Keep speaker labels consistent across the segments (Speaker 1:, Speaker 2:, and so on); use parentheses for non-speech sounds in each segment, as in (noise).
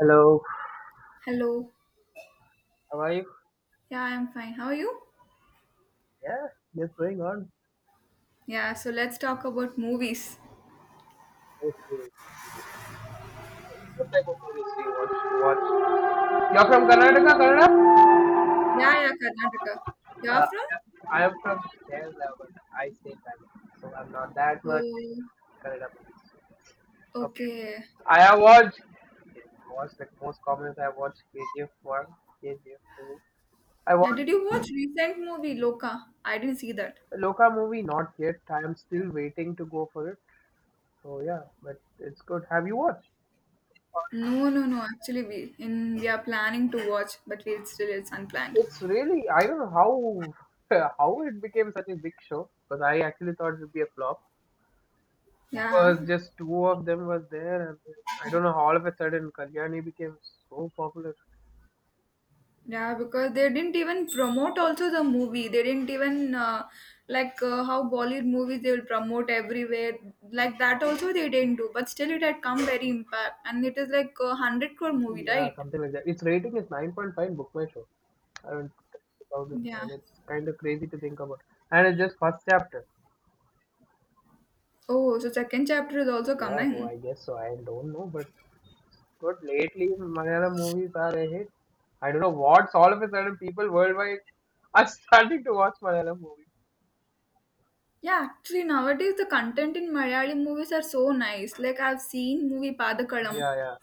Speaker 1: Hello,
Speaker 2: Hello.
Speaker 1: how are you?
Speaker 2: Yeah, I'm fine. How are you?
Speaker 1: Yeah, just going on.
Speaker 2: Yeah, so let's talk about movies.
Speaker 1: Okay. What type of movies do you want to watch? You're from Karnataka, Kannada?
Speaker 2: Yeah, yeah, Karnataka. You're
Speaker 1: Uh,
Speaker 2: from?
Speaker 1: I am from Kerala, but I stay in Bangalore, so I'm not that much
Speaker 2: Oh,
Speaker 1: Kannada movies. Okay.
Speaker 2: okay.
Speaker 1: I have watched the most common I watched KGF 1, KGF 2. I
Speaker 2: Yeah,
Speaker 1: watched
Speaker 2: did you watch recent movie Loka? I didn't see that.
Speaker 1: Loka movie, not yet. I am still waiting to go for it. So yeah, but it's good. Have you watched?
Speaker 2: No, no, no. Actually, we are planning to watch, but we still it's unplanned.
Speaker 1: It's really I don't know how (laughs) how it became such a big show because I actually thought it would be a flop.
Speaker 2: Yeah.
Speaker 1: Was just two of them was there, and then, I don't know how all of a sudden Kalyani became so popular.
Speaker 2: Yeah, because they didn't even promote also the movie. They didn't even like how Bollywood movies they will promote everywhere. Like that also they didn't do. But still, it had come very impact, and it is like a hundred crore movie,
Speaker 1: Yeah,
Speaker 2: right?
Speaker 1: something like that. Its rating is 9.5 in Book My Show. I don't about it,
Speaker 2: Yeah.
Speaker 1: and it's kind of crazy to think about. And it's just first chapter.
Speaker 2: Oh, so second chapter is also
Speaker 1: Yeah, oh, I
Speaker 2: coming.
Speaker 1: guess so. I don't know, but lately Malayalam movies are a hit. I don't know what's all of a sudden people worldwide are (laughs) starting to watch Malayalam movies.
Speaker 2: Yeah, actually nowadays the content in Malayali movies are so nice. Like I've seen movie Padakalam,
Speaker 1: Yeah, yeah.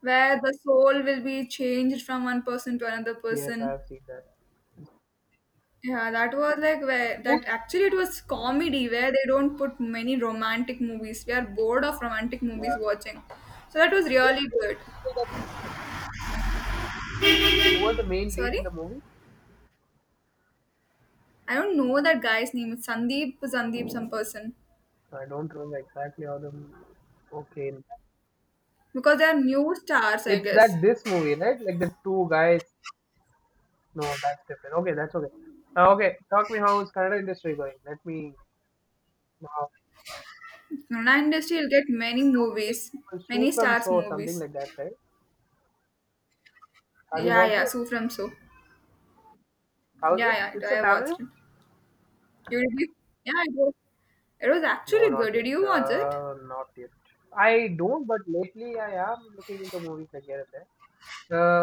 Speaker 2: where the soul will be changed from one person to another
Speaker 1: Yes, I
Speaker 2: person.
Speaker 1: have seen that.
Speaker 2: Yeah, that was like where
Speaker 1: Who,
Speaker 2: that actually it was comedy where they don't put many romantic movies. We are bored of romantic movies watching. So that was
Speaker 1: who,
Speaker 2: really good.
Speaker 1: who was the main lead
Speaker 2: Sorry?
Speaker 1: in the movie?
Speaker 2: I don't know that guy's name. It's Sandeep, some person.
Speaker 1: So, I don't remember exactly how the. Okay,
Speaker 2: Because they are new stars, I
Speaker 1: it's
Speaker 2: guess.
Speaker 1: that this movie, right? Like the two guys. No, that's different. Okay, that's okay. Okay, talk me how is Canada industry going? Let me. Now.
Speaker 2: Kannada industry will get many movies,
Speaker 1: Shoe
Speaker 2: many
Speaker 1: from
Speaker 2: stars
Speaker 1: So, something
Speaker 2: movies.
Speaker 1: like that, right? Have you
Speaker 2: Yeah,
Speaker 1: watched
Speaker 2: yeah,
Speaker 1: it?
Speaker 2: So from So.
Speaker 1: How's it?
Speaker 2: Yeah,
Speaker 1: It's
Speaker 2: yeah,
Speaker 1: a
Speaker 2: I
Speaker 1: family?
Speaker 2: watched it. You did you? Yeah, it was
Speaker 1: No,
Speaker 2: actually good.
Speaker 1: not yet.
Speaker 2: Did you watch it?
Speaker 1: Not yet. I don't, but lately I am looking into movies like here and there.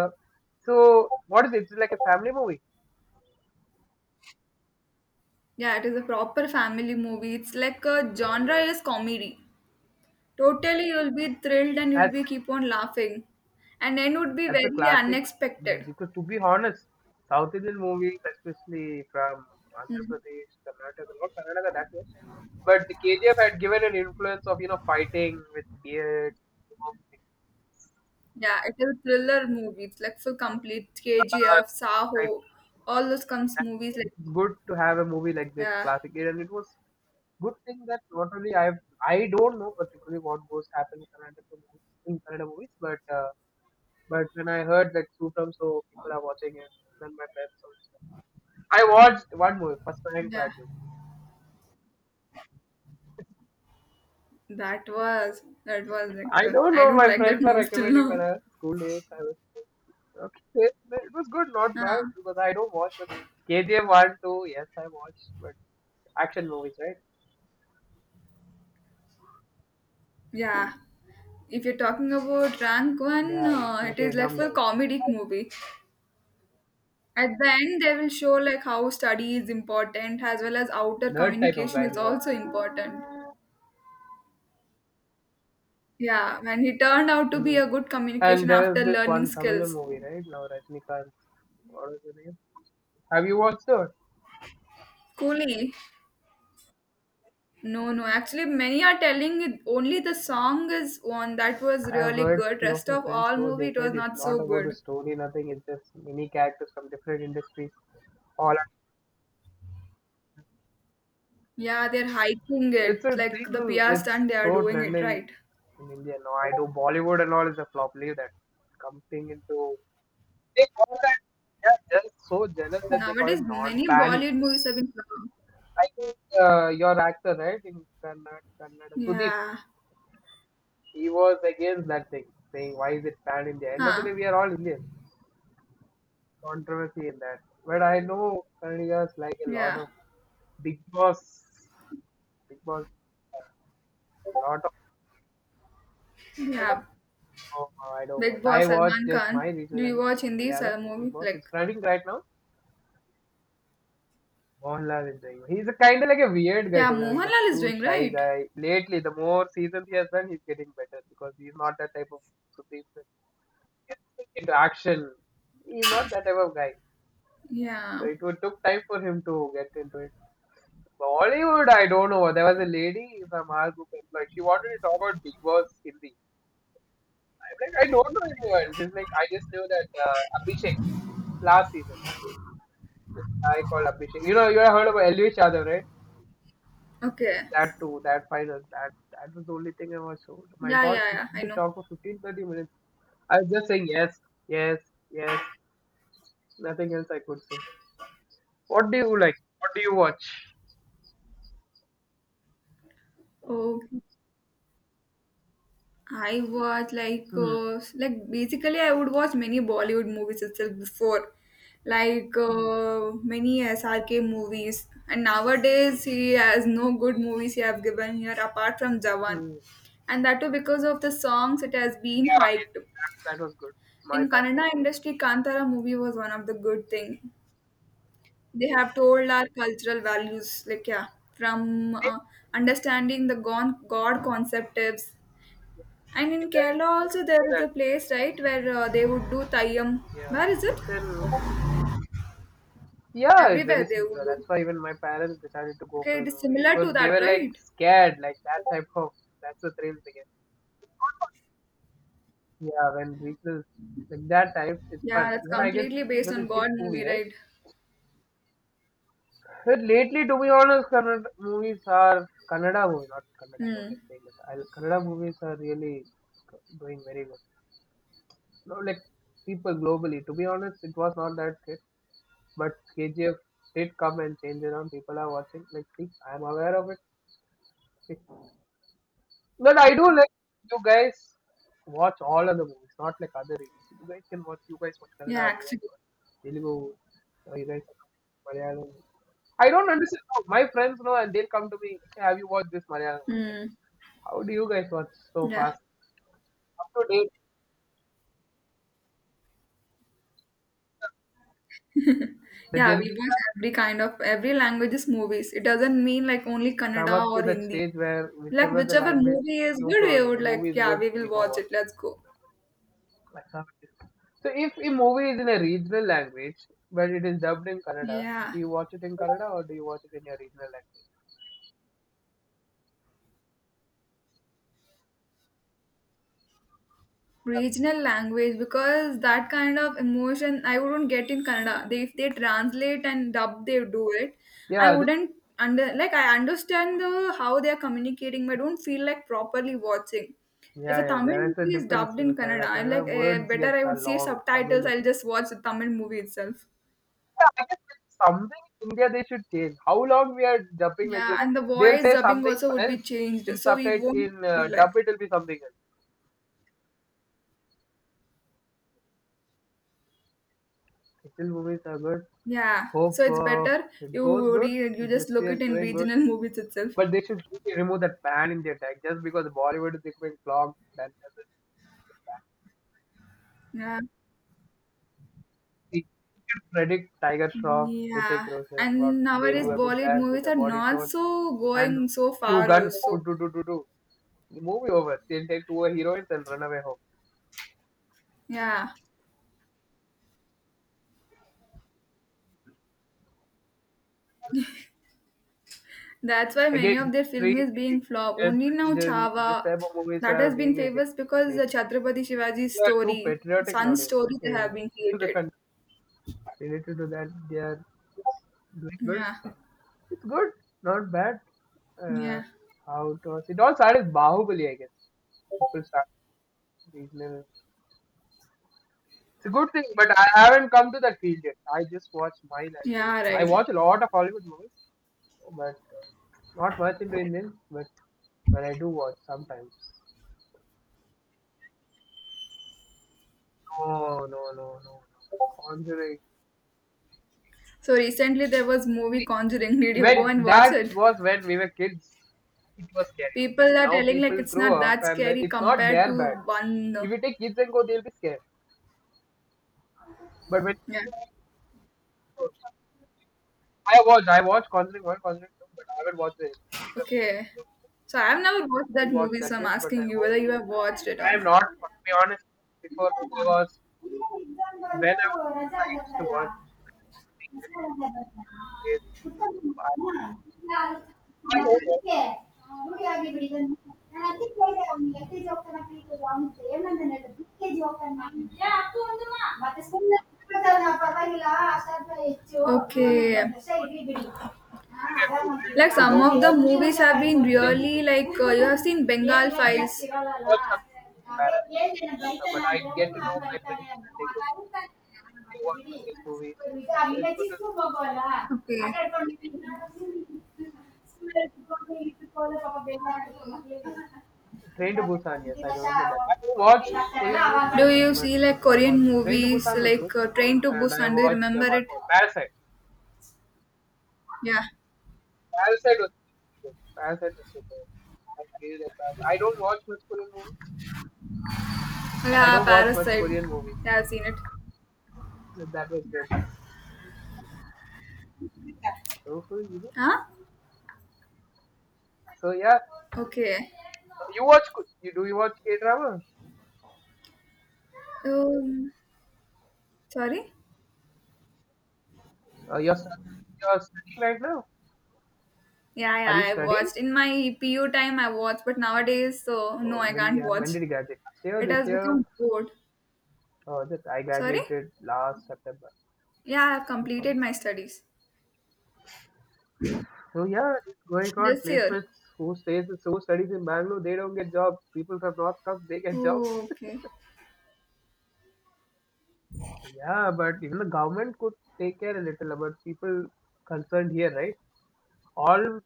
Speaker 1: Uh, so what is it? It's like a family movie.
Speaker 2: Yeah, it is a proper family movie. It's like a
Speaker 1: Oh
Speaker 2: genre
Speaker 1: yes.
Speaker 2: is comedy. Totally, you'll be thrilled and you'll
Speaker 1: That's
Speaker 2: be keep on laughing, and end would be
Speaker 1: that's a
Speaker 2: very
Speaker 1: classic
Speaker 2: unexpected.
Speaker 1: movie. Because to be honest, South Indian movies, especially from Andhra
Speaker 2: Hmm.
Speaker 1: Pradesh, Karnataka, not Karnataka that much, but the KGF had given an influence of you know fighting with beards, you know,
Speaker 2: Yeah, it is a thriller movie. It's like full complete
Speaker 1: cigars,
Speaker 2: KGF,
Speaker 1: those type.
Speaker 2: Saho, all those comes
Speaker 1: That's
Speaker 2: movies like
Speaker 1: it's good to have a movie like this
Speaker 2: yeah,
Speaker 1: classic, and it was good thing that not only I don't know particularly what goes happen in Kannada movies, but. But when I heard that Supram, so people are watching it, then my friends also. I watched one movie, First Rank
Speaker 2: yeah.
Speaker 1: Raju.
Speaker 2: That was like
Speaker 1: I don't
Speaker 2: I
Speaker 1: know,
Speaker 2: don't
Speaker 1: my
Speaker 2: like that
Speaker 1: friends are
Speaker 2: movie still
Speaker 1: recommending when
Speaker 2: now.
Speaker 1: I
Speaker 2: (laughs)
Speaker 1: was school days. I was, okay, it was good, not bad,
Speaker 2: Uh,
Speaker 1: because I don't watch, but KGF 1, 2, yes, I watched, but action movies, right?
Speaker 2: yeah. If you're talking about rank one,
Speaker 1: Yeah, he's like
Speaker 2: it is
Speaker 1: a
Speaker 2: like
Speaker 1: dumb
Speaker 2: full
Speaker 1: guy.
Speaker 2: comedic movie. At the end, they will show like how study is important as well as outer
Speaker 1: Nerd type of
Speaker 2: communication
Speaker 1: guy
Speaker 2: is
Speaker 1: he was.
Speaker 2: also important. Yeah, and he turned out to be
Speaker 1: Mm.
Speaker 2: a good
Speaker 1: And
Speaker 2: communication after
Speaker 1: there's this
Speaker 2: learning
Speaker 1: one Tamil
Speaker 2: skills.
Speaker 1: movie, right? Now Rajnikant, what is the name? Have you watched it?
Speaker 2: Coolly. No, no. Actually, many are telling it only the song is one that was
Speaker 1: I've
Speaker 2: really
Speaker 1: heard
Speaker 2: good.
Speaker 1: few of
Speaker 2: Rest
Speaker 1: my
Speaker 2: of
Speaker 1: friends
Speaker 2: all
Speaker 1: go,
Speaker 2: movie,
Speaker 1: they
Speaker 2: it
Speaker 1: said
Speaker 2: was
Speaker 1: it's
Speaker 2: not
Speaker 1: not
Speaker 2: so
Speaker 1: about the
Speaker 2: good.
Speaker 1: story, nothing, it's just many characters from different industries. All
Speaker 2: Yeah, they're hyping
Speaker 1: it's a
Speaker 2: it like the
Speaker 1: thing,
Speaker 2: PR
Speaker 1: it's
Speaker 2: stunt. They are
Speaker 1: so
Speaker 2: doing it
Speaker 1: trending
Speaker 2: right.
Speaker 1: in India. No, I do Bollywood and all is a flop. Leave that. Coming into they call that they are just so jealous that they call
Speaker 2: Nowadays,
Speaker 1: it not
Speaker 2: many
Speaker 1: pan
Speaker 2: Bollywood
Speaker 1: India.
Speaker 2: movies have been.
Speaker 1: I think your actor, right, in Kannada, Sudeep,
Speaker 2: Yeah.
Speaker 1: he was against that thing, saying why is it pan India? End of the
Speaker 2: Huh.
Speaker 1: day, we are all Indians. Controversy in that. But I know Kannadigas like a lot
Speaker 2: Yeah.
Speaker 1: of. Big Boss, Big Boss, lot of
Speaker 2: Yeah.
Speaker 1: show I don't watch.
Speaker 2: Big
Speaker 1: I
Speaker 2: Boss
Speaker 1: watch
Speaker 2: Salman
Speaker 1: just my
Speaker 2: Khan.
Speaker 1: regional
Speaker 2: Do you
Speaker 1: language,
Speaker 2: watch Hindi
Speaker 1: Malayalam.
Speaker 2: sal-
Speaker 1: Big
Speaker 2: movie?
Speaker 1: Boss. It's
Speaker 2: Like,
Speaker 1: running right now. Mohanlal is doing. He's a kind of like a weird guy
Speaker 2: yeah,
Speaker 1: to be honest, like
Speaker 2: Mohanlal is
Speaker 1: too
Speaker 2: doing
Speaker 1: shy
Speaker 2: right.
Speaker 1: guy. Lately, the more seasons he has done, he's getting better because he's not that type of supreme into action. He's not that type of guy. So
Speaker 2: Yeah.
Speaker 1: it would took time for him to get into it. Bollywood, I don't know. There was a lady from our group, like she wanted to talk about Big Boss Hindi. I'm Like, I don't know anyone. Just like I just knew that Abhishek last season. I called Abhishek. You know, you have heard about L. V. Yadav, right?
Speaker 2: Okay.
Speaker 1: That too, that final, that was the only thing I was told. My
Speaker 2: Yeah,
Speaker 1: God,
Speaker 2: yeah,
Speaker 1: we
Speaker 2: yeah.
Speaker 1: could
Speaker 2: I
Speaker 1: be
Speaker 2: know.
Speaker 1: talk for 15-30 minutes. I was just saying yes, yes, yes. Nothing else I could say. What do you like? What do you watch?
Speaker 2: Okay. I watch like
Speaker 1: Hmm.
Speaker 2: like basically I would watch many Bollywood movies itself before, like many SRK movies. And nowadays he has no good movies he have given here apart from Jawan,
Speaker 1: hmm.
Speaker 2: and that too because of the songs it has been
Speaker 1: Yeah,
Speaker 2: hyped.
Speaker 1: that was good. My
Speaker 2: In
Speaker 1: bad.
Speaker 2: Kannada industry, Kantara movie was one of the good thing. They have told our cultural values, like yeah, from understanding the God concepts. And in Kerala also there is a place right where they would do Thayyam.
Speaker 1: Yeah,
Speaker 2: Where is it?
Speaker 1: it's in Yeah, it's very
Speaker 2: Everywhere they would
Speaker 1: similar. That's
Speaker 2: do.
Speaker 1: why even my parents decided to go for
Speaker 2: Okay,
Speaker 1: the
Speaker 2: it is
Speaker 1: movie. It
Speaker 2: similar to
Speaker 1: was they were
Speaker 2: that,
Speaker 1: like
Speaker 2: right?
Speaker 1: scared, like that type of that's the thrill they get. Yeah, when reaches like that type, it's fun.
Speaker 2: Yeah, that's
Speaker 1: Even I guess it
Speaker 2: completely based
Speaker 1: was a
Speaker 2: on God
Speaker 1: hit movie,
Speaker 2: movie,
Speaker 1: right?
Speaker 2: right?
Speaker 1: But lately, to be honest, Kannada movies are Kannada movies, not Kannada. I don't like
Speaker 2: Hmm.
Speaker 1: saying this. I, Kannada movies are really doing very well. No, like people globally. To be honest, it was not that hit, but KGF did come and change around. People are watching. Like, see, I'm aware of it. But I do like you guys watch all other movies, not like other regions. You guys can watch. You guys watch
Speaker 2: Yeah,
Speaker 1: Kannada. You guys
Speaker 2: actually.
Speaker 1: watch Telugu. You guys watch Malayalam. I don't understand. How My friends know, and they'll come to me. "Hey, Have you watched this Malayalam? Like,
Speaker 2: Hmm.
Speaker 1: how do you guys watch so
Speaker 2: Yeah.
Speaker 1: fast? Up to date, the
Speaker 2: Yeah,
Speaker 1: Gen
Speaker 2: we watch
Speaker 1: Z
Speaker 2: every kind of every languages movies. It doesn't mean like only
Speaker 1: come
Speaker 2: Kannada
Speaker 1: up to
Speaker 2: or
Speaker 1: that
Speaker 2: Hindi.
Speaker 1: stage where
Speaker 2: Like
Speaker 1: whichever the
Speaker 2: whichever
Speaker 1: language,
Speaker 2: movie is
Speaker 1: no
Speaker 2: good,
Speaker 1: problem.
Speaker 2: we
Speaker 1: If the
Speaker 2: would like,
Speaker 1: movie is
Speaker 2: yeah,
Speaker 1: good,
Speaker 2: we
Speaker 1: we
Speaker 2: will
Speaker 1: go
Speaker 2: watch it.
Speaker 1: watch it.
Speaker 2: Let's go.
Speaker 1: I can't do So if a movie is in a regional language, but it is dubbed in Kannada,
Speaker 2: Yeah.
Speaker 1: do you watch it in Kannada or do you watch it in your regional language?
Speaker 2: Regional language because that kind of emotion I wouldn't get in Kannada. They, if they translate and dub, they do it. I
Speaker 1: Yeah, that,
Speaker 2: wouldn't under like I understand the how they are communicating, but I don't feel like properly watching. If
Speaker 1: yeah,
Speaker 2: a
Speaker 1: yeah.
Speaker 2: Tamil
Speaker 1: There is a
Speaker 2: movie is
Speaker 1: difference
Speaker 2: dubbed
Speaker 1: in
Speaker 2: in Kannada,
Speaker 1: Kannada.
Speaker 2: I'm
Speaker 1: Kannada
Speaker 2: like eh,
Speaker 1: words
Speaker 2: better.
Speaker 1: get
Speaker 2: I
Speaker 1: so
Speaker 2: would see
Speaker 1: long. Tamil,
Speaker 2: subtitles. I'll
Speaker 1: is-
Speaker 2: just watch the Tamil movie itself.
Speaker 1: yeah, I guess it's something in India they should change. How long we are dubbing like
Speaker 2: Yeah,
Speaker 1: this?
Speaker 2: and the
Speaker 1: They'll
Speaker 2: voice
Speaker 1: say
Speaker 2: dubbing
Speaker 1: something
Speaker 2: also would be
Speaker 1: else
Speaker 2: changed,
Speaker 1: in
Speaker 2: so we
Speaker 1: subtitle
Speaker 2: won't
Speaker 1: in
Speaker 2: feel
Speaker 1: dub.
Speaker 2: like
Speaker 1: It will be something else. Still, movies are good.
Speaker 2: yeah. So
Speaker 1: Hope
Speaker 2: it's better
Speaker 1: it goes good.
Speaker 2: you just
Speaker 1: Industry
Speaker 2: look
Speaker 1: is
Speaker 2: it in
Speaker 1: doing good.
Speaker 2: regional (laughs) movies itself.
Speaker 1: But they should really remove that ban in their tag just because Bollywood is becoming clogged. That doesn't
Speaker 2: Yeah.
Speaker 1: they should predict Tiger Shroff, Hrithik
Speaker 2: Yeah,
Speaker 1: Roshan, what
Speaker 2: and
Speaker 1: they
Speaker 2: nowadays
Speaker 1: do a good
Speaker 2: Bollywood
Speaker 1: dance with
Speaker 2: movies
Speaker 1: a
Speaker 2: are
Speaker 1: body
Speaker 2: not
Speaker 1: show
Speaker 2: so
Speaker 1: and
Speaker 2: going so
Speaker 1: few
Speaker 2: far
Speaker 1: guns. Put
Speaker 2: also.
Speaker 1: do do do do. The movie over. They'll take two heroines and run away home.
Speaker 2: Yeah, that's why many of
Speaker 1: Again,
Speaker 2: their film
Speaker 1: history,
Speaker 2: is being flop.
Speaker 1: religion,
Speaker 2: Only now
Speaker 1: religion, this
Speaker 2: Chava,
Speaker 1: type of movies
Speaker 2: that
Speaker 1: are
Speaker 2: has been
Speaker 1: being a hit
Speaker 2: famous because the
Speaker 1: lately.
Speaker 2: Chhatrapati Shivaji's
Speaker 1: They are too
Speaker 2: story,
Speaker 1: patriotic
Speaker 2: son's
Speaker 1: nowadays
Speaker 2: story they have
Speaker 1: in
Speaker 2: been
Speaker 1: (laughs) the
Speaker 2: created.
Speaker 1: country. Related to that, they are doing good.
Speaker 2: Yeah,
Speaker 1: It's good, not bad. Uh,
Speaker 2: yeah,
Speaker 1: how it was. It all started with Bahubali, I guess. People start these little. It's a good thing, but I haven't come to that field yet. I just watch my language.
Speaker 2: yeah,
Speaker 1: I
Speaker 2: right.
Speaker 1: watch a lot of Hollywood movies, but not much into Indian. But I do watch sometimes. No, no, no, no. no. Conjuring.
Speaker 2: So recently there was movie
Speaker 1: See,
Speaker 2: Conjuring. (laughs) Did you go
Speaker 1: when
Speaker 2: and watch
Speaker 1: that
Speaker 2: it?
Speaker 1: was when we were kids, it was scary. Okay,
Speaker 2: People are
Speaker 1: now
Speaker 2: telling like
Speaker 1: people
Speaker 2: it's not
Speaker 1: grow up,
Speaker 2: that
Speaker 1: and then
Speaker 2: scary
Speaker 1: it's not
Speaker 2: compared
Speaker 1: their
Speaker 2: to
Speaker 1: bad.
Speaker 2: one.
Speaker 1: If you take kids and go, they'll be scared. But when
Speaker 2: Yeah,
Speaker 1: I watched Conjuring 1, Conjuring 2, but I haven't watched the rest.
Speaker 2: okay.
Speaker 1: I
Speaker 2: So I've never watched
Speaker 1: didn't
Speaker 2: that
Speaker 1: watch
Speaker 2: movie,
Speaker 1: that
Speaker 2: so I'm
Speaker 1: yet, but I
Speaker 2: asking you
Speaker 1: hope.
Speaker 2: whether you have watched it
Speaker 1: I
Speaker 2: or
Speaker 1: am
Speaker 2: not.
Speaker 1: not, to be honest, before
Speaker 2: ಇಲ್ಲಲ್ಲ.
Speaker 1: it was,
Speaker 2: ಇಲ್ಲ exam
Speaker 1: when
Speaker 2: ಬಂತು
Speaker 1: I was,
Speaker 2: ರಜಾ
Speaker 1: I used to
Speaker 2: ಆಗತ್ತಲ್ಲ.
Speaker 1: watch these
Speaker 2: ರಜಾ ಬಂತಾ?
Speaker 1: days.
Speaker 2: ಉತ್ತಮ
Speaker 1: I,
Speaker 2: ಹಾ. ನಾನು-
Speaker 1: I
Speaker 2: ನಾನು
Speaker 1: don't watch
Speaker 2: ಅದಕ್ಕೆ ರೂಢಿಯಾಗಿ ಬಿಡಿದನು. ನಾನು ಅದಕ್ಕೆ ಕೇಳಿದೆ ಅವ್ನಿಗೆ ಎಲ್ ಕೆ ಜಿ ಹೋಗ್ತಾನ ಪಿ ಯು ಅವನಿಗೆ ಏನಂತಾನೆ ಹೇಳಿದ್ರು ಯು ಕೆ ಜಿ ಹೋಗ್ತಾನ ಮತ್ತೆ ಸುಮ್ಮನೆ ಪರವಾಗಿಲ್ಲ ಅಷ್ಟಾದ್ರೆ ಹೆಚ್ಚು
Speaker 1: movies.
Speaker 2: okay. ವರ್ಷ ಇರ್ಲಿ ಬಿಡಿ ಹಾ,
Speaker 1: I have to
Speaker 2: ಆರಾಮಾಗಿ.
Speaker 1: admit,
Speaker 2: Like
Speaker 1: I
Speaker 2: some
Speaker 1: don't
Speaker 2: of the
Speaker 1: watch
Speaker 2: movies have been
Speaker 1: Indian
Speaker 2: really
Speaker 1: movies
Speaker 2: like
Speaker 1: much.
Speaker 2: you have seen Bengal
Speaker 1: We
Speaker 2: Files. ಸಿಗಲ್ಲ
Speaker 1: watch some
Speaker 2: ಅದೇ
Speaker 1: parents,
Speaker 2: ಹೇಳ್ದೆ ಬೈತಾನೆ
Speaker 1: but I
Speaker 2: ನಾನು
Speaker 1: get to know my
Speaker 2: ಬೈತಾನೆ
Speaker 1: friends and
Speaker 2: ಅವನು
Speaker 1: they, go,
Speaker 2: ಮಾತಾಡ್ತಾನೆ
Speaker 1: they
Speaker 2: ಮತ್ತೆ
Speaker 1: watch
Speaker 2: ಬಿಡಿ
Speaker 1: these movies.
Speaker 2: ಈಗ
Speaker 1: So
Speaker 2: ಈಗ
Speaker 1: it's good to
Speaker 2: ಚಿಕ್ಕ ಮಗುವಲ್ಲ okay. ಆಟ ಆಡ್ಕೊಂಡಿದ್ದೀನಿ. ಸುಮ್ನೆ ಇಟ್ಕೊಂಡು ಪಾಪ ಬೇಜಾರಾಗುತ್ತೆ ಮಕ್ಳಿಗೆ. ಬೇಡ
Speaker 1: Train to
Speaker 2: ಬೇಡ
Speaker 1: Busan, yes, I
Speaker 2: ಮುಂದಿನ ವರ್ಷ
Speaker 1: remember that.
Speaker 2: ಅವ್ರು
Speaker 1: I don't
Speaker 2: ಸ್ವಲ್ಪ
Speaker 1: watch
Speaker 2: ಇದಾಗ್ತಾರಲ್ಲ
Speaker 1: Korean movies,
Speaker 2: ಅವಾಗ.
Speaker 1: but
Speaker 2: Do you
Speaker 1: but
Speaker 2: see like
Speaker 1: I
Speaker 2: Korean
Speaker 1: watched it. Train to
Speaker 2: movies
Speaker 1: Busan was good,
Speaker 2: like Train to
Speaker 1: and I
Speaker 2: Busan? Do you
Speaker 1: watched the
Speaker 2: remember
Speaker 1: one
Speaker 2: it?
Speaker 1: more Parasite.
Speaker 2: Yeah.
Speaker 1: Parasite was really good. Parasite was so good. I really like Parasite. I don't watch much Korean movies. I
Speaker 2: Yeah,
Speaker 1: don't watch much
Speaker 2: Parasite.
Speaker 1: Korean movies.
Speaker 2: Yeah, I've seen it.
Speaker 1: But That was good. So so you-
Speaker 2: Huh?
Speaker 1: so yeah,
Speaker 2: Okay.
Speaker 1: you watch you do you watch K drama?
Speaker 2: Um, sorry?
Speaker 1: You're studying right now.
Speaker 2: Yeah,
Speaker 1: Are you
Speaker 2: yeah, I
Speaker 1: studying?
Speaker 2: watched. In my PU time, I watched, but nowadays, so no,
Speaker 1: Oh,
Speaker 2: I can't
Speaker 1: when
Speaker 2: watch.
Speaker 1: did you graduate? Last year,
Speaker 2: It
Speaker 1: this
Speaker 2: has
Speaker 1: year?
Speaker 2: become bored.
Speaker 1: Oh, this I
Speaker 2: Sorry?
Speaker 1: graduated last September.
Speaker 2: Yeah, I've completed my studies
Speaker 1: So yeah, it's going on
Speaker 2: this year.
Speaker 1: placements. Who stays, who studies in Bangalore, they don't get jobs. People from North come, they get jobs.
Speaker 2: Oh, okay.
Speaker 1: Yeah, but even the government could take care a little about people concerned here, right? All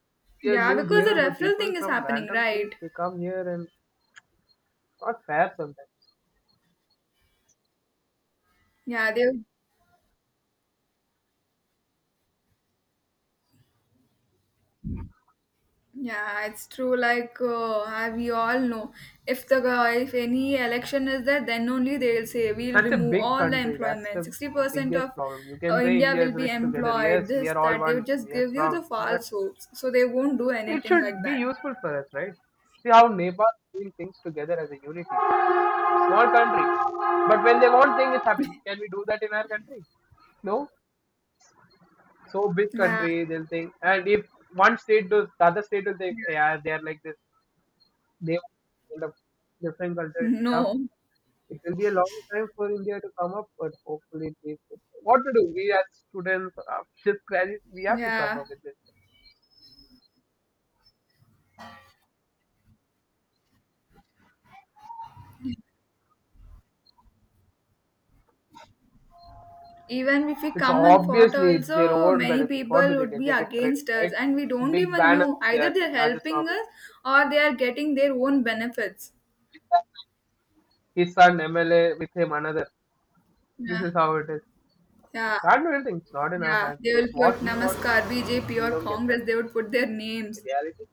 Speaker 1: we have
Speaker 2: Yeah,
Speaker 1: lived
Speaker 2: because the
Speaker 1: here, but
Speaker 2: referral
Speaker 1: people
Speaker 2: thing is
Speaker 1: from
Speaker 2: happening,
Speaker 1: random place
Speaker 2: right?
Speaker 1: they come here and it's not fair sometimes.
Speaker 2: Yeah, they yeah, it's true. Like we all know, if any election is there, then only they'll say we'll
Speaker 1: Such a
Speaker 2: remove
Speaker 1: big
Speaker 2: all the
Speaker 1: country, that's
Speaker 2: employment.
Speaker 1: the
Speaker 2: 60% of
Speaker 1: biggest problem. You can say
Speaker 2: India
Speaker 1: India is
Speaker 2: will be
Speaker 1: rich together.
Speaker 2: employed.
Speaker 1: Yes, we
Speaker 2: This
Speaker 1: are all
Speaker 2: that they
Speaker 1: one.
Speaker 2: would just
Speaker 1: We are
Speaker 2: give you the
Speaker 1: strong, but
Speaker 2: false hopes, so they won't do
Speaker 1: it
Speaker 2: anything
Speaker 1: should
Speaker 2: like
Speaker 1: be
Speaker 2: that.
Speaker 1: useful for us, right? See how Nepal is doing things together as a unity. Small country. But when they want thing, it happens. Can we do that in our country? No. So big
Speaker 2: Yeah,
Speaker 1: country, they'll think. And if one state does, the other state will think, yeah, they are like this. They kind of different culture stuff.
Speaker 2: no,
Speaker 1: It will be a long time for India to come up, but hopefully it is. What to do? We as students, just graduate, we have to
Speaker 2: yeah.
Speaker 1: suffer with this.
Speaker 2: Even if we
Speaker 1: It's
Speaker 2: come and fought,
Speaker 1: obviously it's their
Speaker 2: also
Speaker 1: own
Speaker 2: many
Speaker 1: benefits. What do
Speaker 2: people
Speaker 1: they
Speaker 2: would
Speaker 1: get?
Speaker 2: be
Speaker 1: They get credit,
Speaker 2: against us,
Speaker 1: right?
Speaker 2: and we don't
Speaker 1: Big
Speaker 2: even
Speaker 1: banner
Speaker 2: know either
Speaker 1: there,
Speaker 2: they're
Speaker 1: Rajasthan.
Speaker 2: helping us or they are getting their own benefits.
Speaker 1: His son MLA with him another. This
Speaker 2: Yeah,
Speaker 1: is how it is.
Speaker 2: yeah.
Speaker 1: Can't do anything. It's not in our
Speaker 2: Yeah,
Speaker 1: hands.
Speaker 2: they will
Speaker 1: Guess what
Speaker 2: put
Speaker 1: we want.
Speaker 2: Namaskar, BJP
Speaker 1: We
Speaker 2: or
Speaker 1: don't get that
Speaker 2: Congress, they would put their names.
Speaker 1: reality.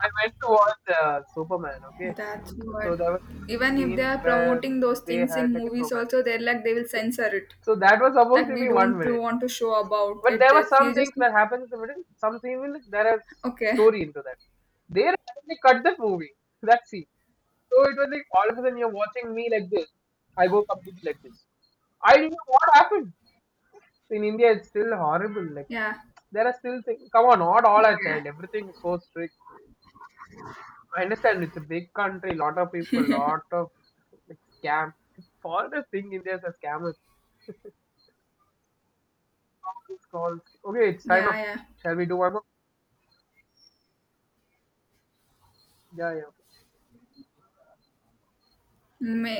Speaker 1: I went to watch Superman. Okay,
Speaker 2: That's what.
Speaker 1: so there was a
Speaker 2: Even if they
Speaker 1: scene
Speaker 2: are
Speaker 1: where
Speaker 2: promoting those
Speaker 1: they
Speaker 2: things
Speaker 1: had
Speaker 2: in
Speaker 1: like a
Speaker 2: movies
Speaker 1: romance.
Speaker 2: also, they're like they will censor it.
Speaker 1: So that was supposed
Speaker 2: Like
Speaker 1: to
Speaker 2: we
Speaker 1: be one
Speaker 2: don't
Speaker 1: minute.
Speaker 2: want to show about
Speaker 1: But
Speaker 2: it
Speaker 1: there were
Speaker 2: this.
Speaker 1: some
Speaker 2: You just
Speaker 1: things that happened in the middle. Some even there is
Speaker 2: okay.
Speaker 1: story into that. They randomly cut the movie. That scene. So it was like all of a sudden you're watching me like this. I go completely like this. I didn't know what happened. In India, it's still horrible. Like
Speaker 2: Yeah.
Speaker 1: there are still things. Come on, not all
Speaker 2: Yeah,
Speaker 1: are
Speaker 2: yeah.
Speaker 1: child. Everything is so strict. I understand it's a big country, lot of people, lot of like, scam. All the thing India's a scammers. (laughs) All these Calls. Okay, it's time
Speaker 2: Yeah,
Speaker 1: up.
Speaker 2: yeah.
Speaker 1: Shall we do one more? Yeah, yeah.
Speaker 2: Many